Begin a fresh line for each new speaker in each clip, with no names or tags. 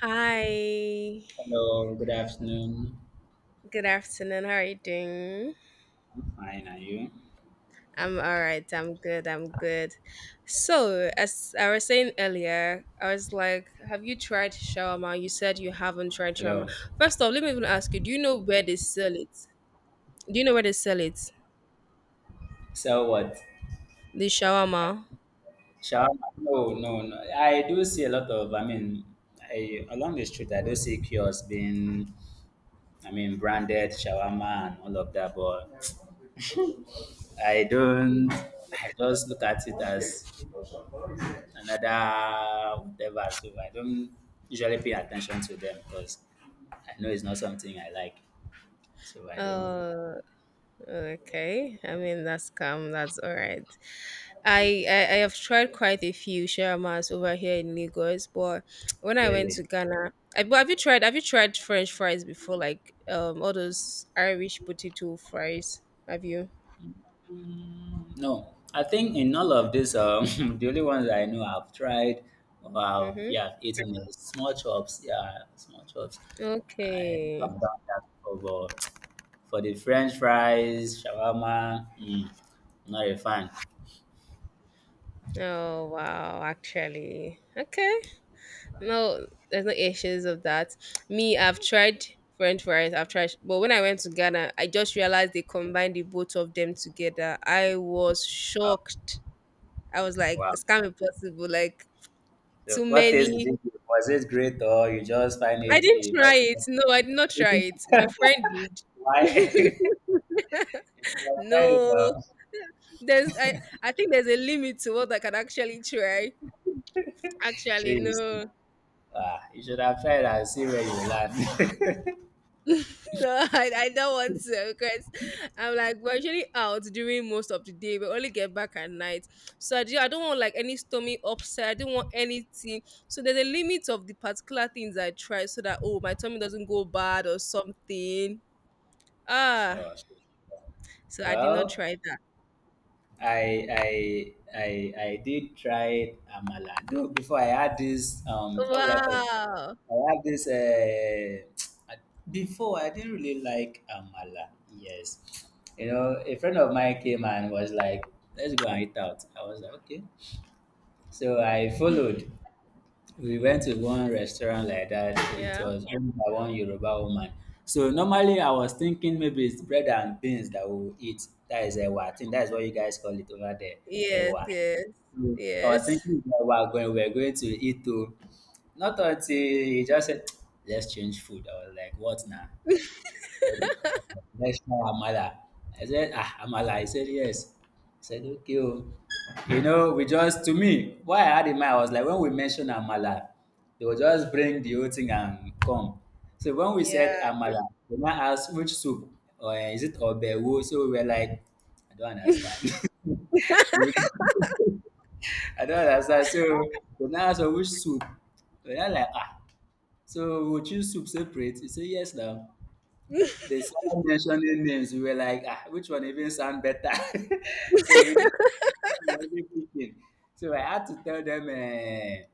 Hi,
Hello, good afternoon.
good afternoon. How are you doing?
I'm fine, are you?
I'm all right. I'm good. I'm good. So, as I was saying earlier, I was like, have you tried shawarma? You said you haven't tried shawarma.
Hello.
First off, let me even ask you, do you know where they sell it? Do you know where they sell it?
So what?
The shawarma?
Shawarma? No, no, no. I do see a lot of, I mean, along the street, I do see kiosks being, I mean, branded shawarma and all of that, but I don't, I just look at it as another whatever, so I don't usually pay attention to them because I know it's not something I like, so I don't
Uh, okay. I mean, that's calm. That's all right. I have tried quite a few shawarmas over here in Lagos, but when I went
really.
to Ghana, I, but have you tried French fries before? Like all those Irish potato fries? Have you?
No, I think in all of this, the only ones I know I've tried or I've,
Mm-hmm.
yeah, I've eaten is small chops. Yeah, small chops. I have
Okay.
done that before. But for the French fries, shawarma, mm, not a fan.
Oh wow, actually. Okay. No, there's no issues of that. Me, I've tried French fries, I've tried but when I went to Ghana, I just realized they combined the both of them together. I was shocked. I was like,
Wow.
it's can't be possible. Like
So
too
what taste did
many.
you give? Was it great or you just find
I
it,
didn't
eh, very
try it.
nasty?
No, I did not try it. My friend
Why?
did.
You should have tried it.
No,
Or,
there's. I think there's a limit to what I can actually try.
sure.
Actually,
You see.
no,
Ah, you should have tried and see where you land.
no, I don't want to because I'm like we're usually out during most of the day. We only get back at night, so I, do, I don't want like any stomach upset. I don't want anything. So there's a limit of the particular things I try, so that oh my tummy doesn't go bad or something. Ah,
Sure, sure.
so I did not
Well,
try that.
I did try amala. Though before I had this how will I call it?
Wow.
I had this before I didn't really like amala. Yes. You know, a friend of mine came and was like, let's go and eat out. I was like, okay. So I followed, we went to one restaurant like that. It
Yeah.
was owned by one Yoruba woman. So normally I was thinking maybe it's bread and beans that we will eat. That is ewa. I think that is what you guys call it over there,
Yes,
ewa.
yes,
So I was
yes.
thinking that we are going to eat to. Not until he just said, let's change food. I was like, what now? Let's try Amala. I said, ah, Amala. He said, yes. I said, okay. Oh. You know, we just, to me, what I had in mind, I was like, when we mentioned Amala, they will just bring the whole thing and come. So when we said
Yeah.
Amala, they now asked which soup, or eh, is it Obewo? So we were like, I don't understand. we, were- I don't understand. So they now asked us which soup. We were like, ah. So we will choose soup separate. He said, yes, now. They started mentioning names. We were like, ah, which one even sound better? So we didn't know what we were even picking. So I had to tell them, eh,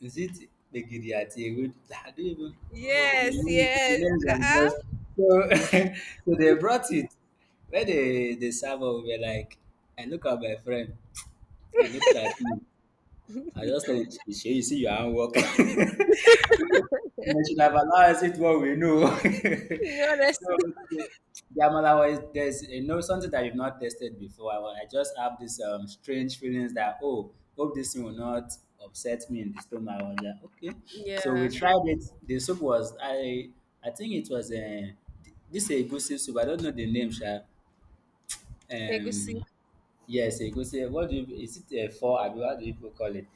is it begiriati?" We Ewedu? I don't even
Yes,
the
yes.
names are
Uh-uh.
just so. So they brought it. When they serve up, we were like, I look at my friend. He looked at me. I just tell him, you see your handwork. We should have allowed us it what we know. So
Honestly.
the the amala was there's, you know, something that you've not tested before. I just have this strange feelings that, oh, hope this thing will not upset me in the stomach. I was like, okay, so we
Yeah.
tried it. The soup was, I think it was a, this is a good soup. I don't know the name, sha.
Egusi.
Um, yes, egusi. What do you? Is it a four? Abi, what do people call it?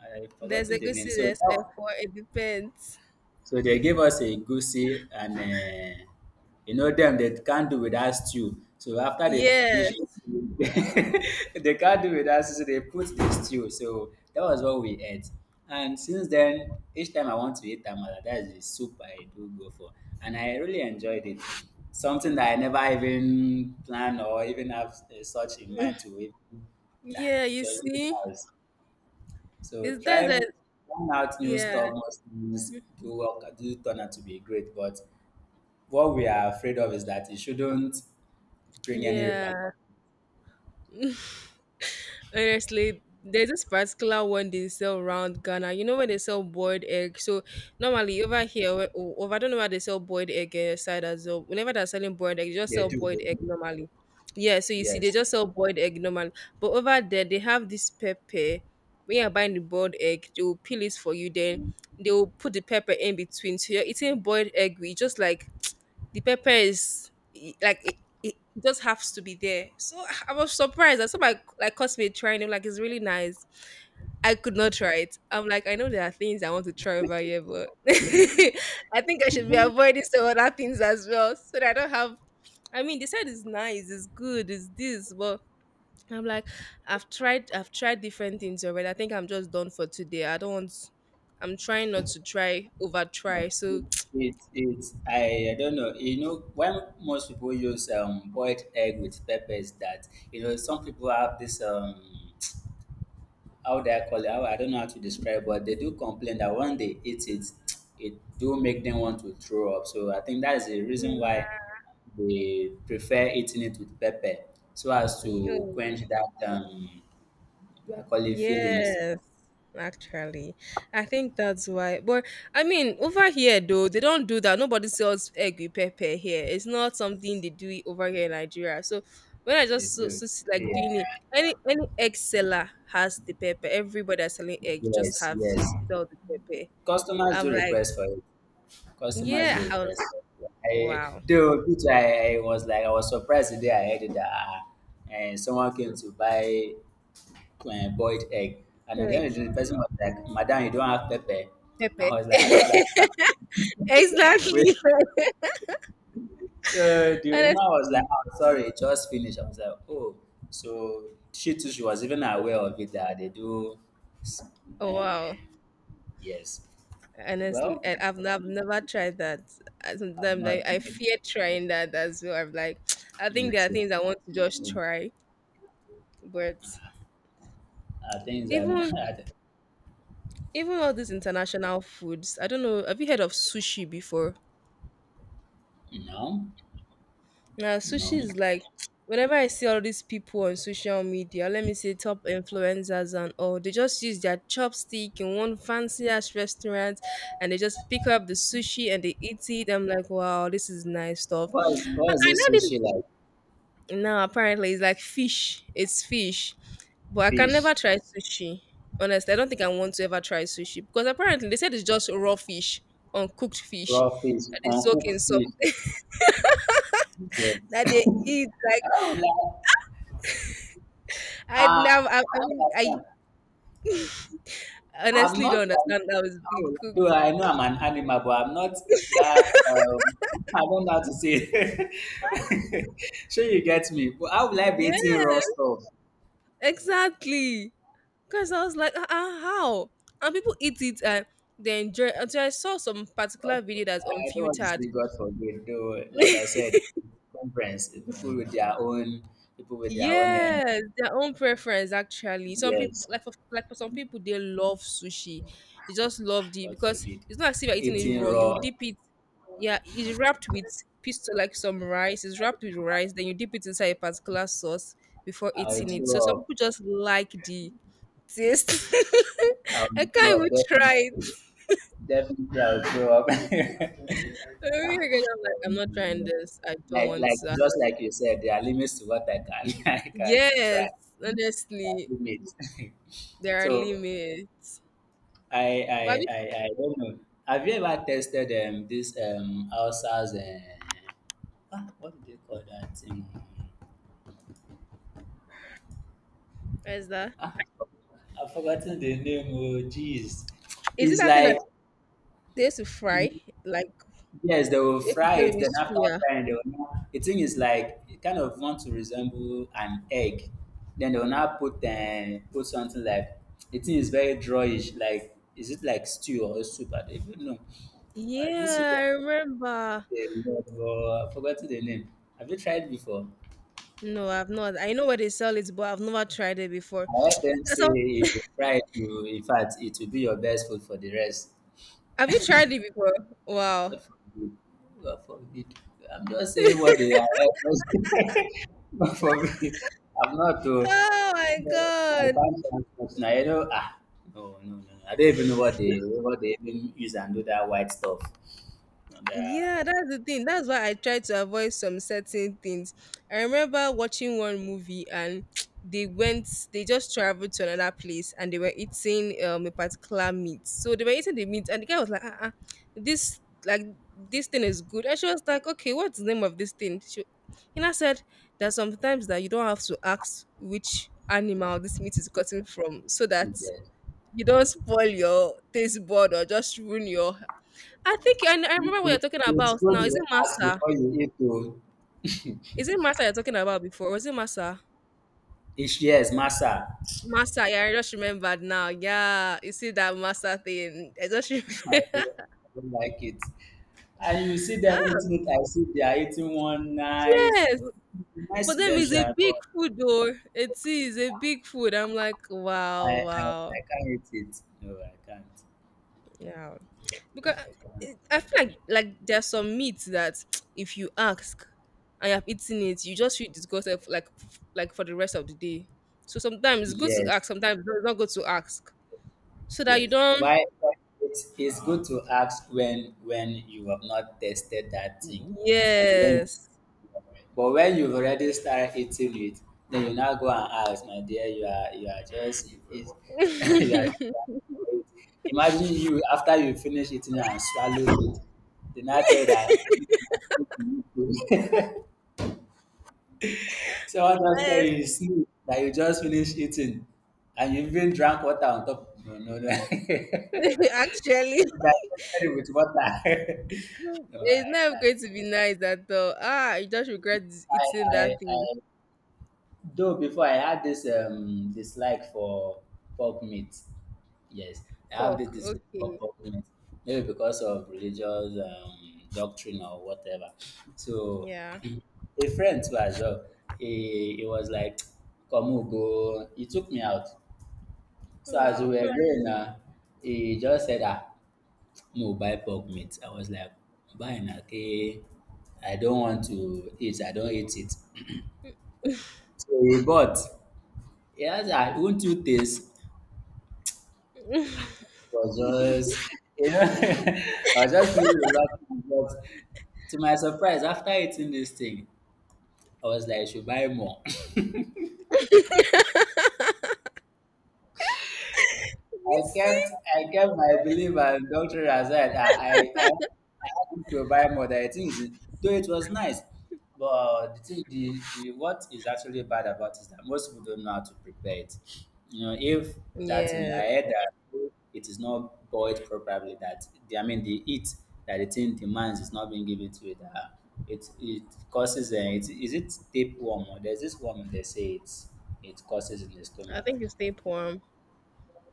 I've
There's
forgotten the name.
egusi,
So
there's
that
F4. It depends.
so they gave us a goosey and you know them, they can't do without stew. So after the dish,
Yes.
they can't do without stew. So they put the stew. So that was what we ate. And since then, each time I want to eat tamala, that is the soup I do go for, and I really enjoyed it. Something that I never even planned or even have, such in mind to eat. Nah,
Yeah,
it
you
was really
see?
nice. So
Is that a
trying out new
yeah.
stuff, most things do work, do turn out to be great, but what we are afraid of is that it shouldn't bring any repercussions.
Yeah. Honestly, there's this particular one they sell around Ghana. You know when they sell boiled egg. So normally over here, where- o- over I don't know why they sell boiled egg eh, side as well. Whenever they're selling boiled egg, they just
They
sell
do, they
boiled egg
do.
normally. Yeah, so you see, they
Yes.
just sell boiled egg normally. But over there, they have this pepper. When you're buying the boiled egg, they will peel it for you. Then they will put the pepper in between. So you're eating boiled egg with just like the pepper is I- like it just has to be there. So I was surprised. I saw my like cosmate trying it, like it's really nice. I could not try it. I'm like, I know there are things I want to try over here, but I think I should be avoiding some other things as well. So that I don't have I mean they said it's nice, it's good, it's this, but I'm like, I've tried different things already. I think I'm just done for today. I don't want I'm trying not to try over try.
No.
So
I don't know. You know, when most people use boiled egg with peppers, that, you know, some people have this how would I call it? How, I don't know how to describe, but they do complain that when they eat it, it do make them want to throw up. So I think that is the reason why they prefer eating it with pepper, so as to
yeah.
quench that do I call it feelings.
Yes, actually, I think that's why. But I mean, over here though, they don't do that. Nobody sells egg with pepper here. It's not something they do it over here in Nigeria. So when I
They
just so,
do.
so see, like doing it,
Yeah.
any egg seller has the pepper. Everybody that's selling egg just
Yes.
have
Yes.
sell the pepper.
Customers
I'm
do
like,
request for it. Customers
yeah,
do
how
request for it. I
wow,
though Peter, I was like, I was surprised the day I heard it that, someone came to buy boiled egg. And at the end
egg
of the day, the person was like, Madam, you don't have pepper. I
pepper,
was like, I don't understand. Wait.
exactly.
So the woman was like,
Honestly,
oh, sorry, it just finished. I was like, oh. So she too, she was even aware of it that they do. s-
oh,
Uh,
wow.
yes.
Honestly,
Well,
and I've, n- I've never tried that. I-
I've
Sometimes I,
not
I
met,
fear trying that as well. I'm like, I think
me
there are
too.
things I want to just
I
try, but
think
even
that,
even all these international foods, I don't know. Have you heard of sushi before?
no,
Now, sushi
no.
is like whenever I see all these people on social media, let me say top influencers and all, they just use their chopstick in one fancy ass restaurant and they just pick up the sushi and they eat it. I'm like, wow, this is nice stuff.
What, is, what is
I
this
now did
sushi like?
no, apparently it's like fish. It's fish. But I can
Fish,
never try sushi. Honestly, I don't think I want to ever try sushi because apparently they said it's just raw fish, uncooked fish
raw fish,
that they soak
uncooked
in some
fish. Yeah.
that they eat. Like
I would like,
I
ah,
never. I
I don't
mean, I
understand. I'm
honestly
not.
don't
an-
understand how it's
How
being
will I
cooked.
do, I know I'm an animal, but I'm not that. I don't know how to say it. Sure, you get me. But how will I be
Yeah,
eating raw stuff?
exactly. Because I was like, how? And people eat it and they enjoy. Until I saw some particular
What-
video that's
I don't want to
unfiltered
say God forbid. Though, like I said, conference people with their own, people with their own. Uh,
yes, their own preference actually. Some people
yes,
like for some people they love sushi. They just love it
God
because
forbid.
it's not as if you're eating it
Eating
raw. You
raw,
dip it, yeah, it's wrapped with piece like some rice. It's wrapped with rice, then you dip it inside a particular sauce before
I'll
eating it. So
throw
some
up.
people just like the taste.
I'll
I
throw
can't even
up
try it.
definitely. Definitely, I'll grow up.
I'm really gonna- I'm like, I'm not trying
Um,
this. I don't want
like
to.
just like you said, there are limits to what I can, I can try.
Yes,
There are
honestly,
limits.
there are
So
limits.
I,
But have you-
I I don't know. Have you ever tested this Alsa's, ah, what do they call that thing?
where's that?
Ah, I've forgotten the name. Oh, jeez,
Is it
it's
that thing that
like,
they used to fry? Like
yes, they will
they used to
fry
sell it
it.
with
Then after
suya.
frying, they will now, the thing is like it kind of want to resemble an egg. Then they will now put, put something like, the thing is very drawish. Like is it like stew or soup? I don't even know. I do see
Yeah, I
them.
remember.
They, but I forgot the name. Have you tried before?
No, I've not. I know where they sell it, but I've never tried it before.
I heard them say
So,
if you fry it, you, in fact, it will be your best food for the rest.
have you tried it before? Wow.
God forbid. God forbid. I'm just saying what they are. God forbid. I'm not to.
Oh my
I
god.
can't translate now. You know, ah, no, no, no. I don't even know what they, what they even use and do that white stuff. And,
Yeah, that's the thing. That's why I try to avoid some certain things. I remember watching one movie and they went, they just traveled to another place and they were eating a particular meat. So they were eating the meat and the guy was like, uh-uh, this like this thing is good. And she was like, okay, what's the name of this thing? She, Hina said that sometimes that you don't have to ask which animal this meat is gotten from so that
yeah.
you don't spoil your taste bud or just ruin your I think I
It-
remember what you're
it-
talking
It's
about
good
now. Is
you
it
ask
Massa?
before you eat to
Is it Massa you're talking about before? Or was it Massa?
each, yes, massa.
Massa, yeah, I just remembered now. Yeah, you see that Massa thing. I just
I
remember.
don't like it. And you see them
Ah,
eating it, I see they are eating one nice.
yes.
Don't be nice
For
to
them,
them,
it's a
sha.
big food, though. It is a big food. I'm like,
I,
wow,
I,
wow.
I can't eat it. No, I can't.
Yeah.
I can't.
Because I feel like there's some meat that if you ask and you have eaten it, you just feel disgusted like for the rest of the day. So sometimes it's good to
Yes,
ask, sometimes it's not good to ask. So that you
yes.
don't
It's good to ask when you have not tested that thing. I mean, when you,
yes.
but when you've already started eating it, then you now go and ask, my dear, you are just it's, you are. Imagine you after you finish eating and swallow it, then I tell that. Someone just tell you
Yes.
you sleep, that you just finish eating, and you even drank water on top. No, no, no. You
Actually,
digested it with water. no,
it's never
I,
going to be nice at all. Ah, you just regret
I,
eating that
I,
thing.
though before I had this dislike for pork meat. Yes, I have
Pork,
this dislike
okay.
for pork meat, maybe because of religious doctrine or whatever. So,
Yeah.
a friend too as well. He was like, "Come, we go." He took me out. So as we were
Wow.
going now, he just said, ah, no, buy pork meat. I was like, buying, okay. I don't want to eat. I don't eat it. So he bought. He asked, ah, won't you taste?
You
I was just, you know, I was just feeling relaxed. But to my surprise, after eating this thing, I was like, I should buy more. I
see.
kept I kept my belief and doctor aside. I I had him to buy more than things. Though it was nice. But the thing the what is actually bad about is that most people don't know how to prepare it. You know, if that thing I
Yeah,
heard that it is not boiled properly, that the, I mean the heat that the thing demands is not being given to it. It causes, it is it tapeworm or there's this one they say it's, it causes in the
I
stomach.
think you stay tapeworm.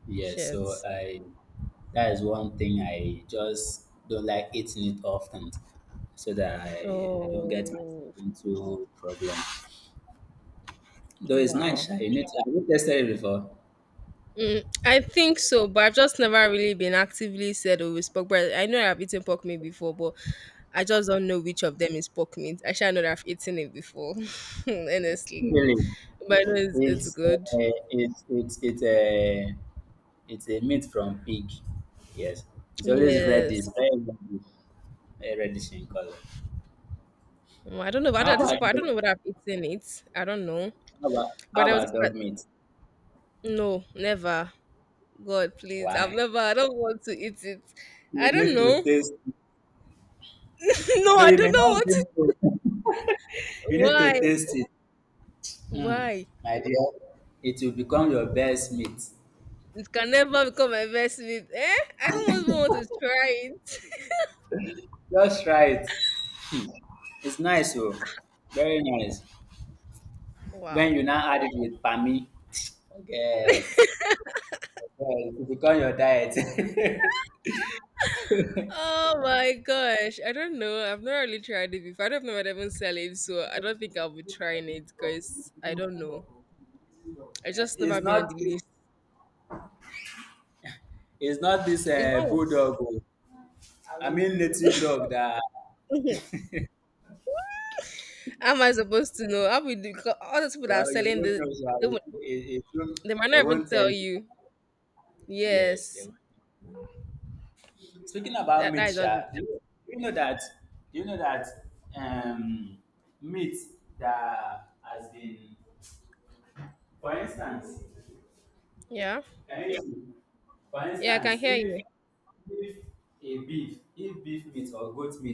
Yes, so
Shit.
I, that is one thing I just don't like eating it often, so that I don't get myself
Oh,
into problem. Though it's nice,
wow.
sha, you need to, have you tested it before?
Mm, I think so, but I've just never really been actively said oh it's pork bread. I know I've eaten pork meat before, but I just don't know which of them is pork meat. I should know that I've eaten it before, honestly.
Really?
But I know it's
It's,
good.
it's a it's a meat from pig. Yes. It's always
Yes.
reddish, very reddish, very reddish in color.
Mm, I don't know. But
How
at this
about
point, I don't
dog-
know what I've eaten it. I don't know.
how
But I was
about
just like,
dog meat?
no, never. God, please. I've
Why?
never. I don't want to eat it.
You
I don't
need to
know.
taste.
No,
No,
I
you may
don't know
not
what.
drink
To,
cold. You need to
why?
taste it. Hmm,
Why?
my dear, it will become your best meat.
It can never become my best investment. Eh? I don't even want to try it.
Just try it. It's nice, oh, very nice.
Wow.
When you now add it with pami, forget, forget. It will become your diet.
Oh my gosh. I don't know. I've not really tried it before. I don't know if I'd even sell it, so I don't think I'll be trying it because I don't know. I
Eh,
just
it's
never been
not.
on the list.
It's not this,
It's not
bulldog. Oh. I mean native dog that.
how am I supposed to know? How we do because all those people that are
Well, you
selling
won't
the
know, sha.
they, won't-
It won't,
they might
they
not even
won't tell
tell
you.
you.
Yes, they
Yes.
were. Speaking about
That
meat,
that is all the
sha,
truth.
do you know that? Do you know that, um, meat that has been, for instance,
Yeah.
can you hear me? For
Yeah, I can
instance,
hear
if
you.
if a beef, if beef meat or goat meat,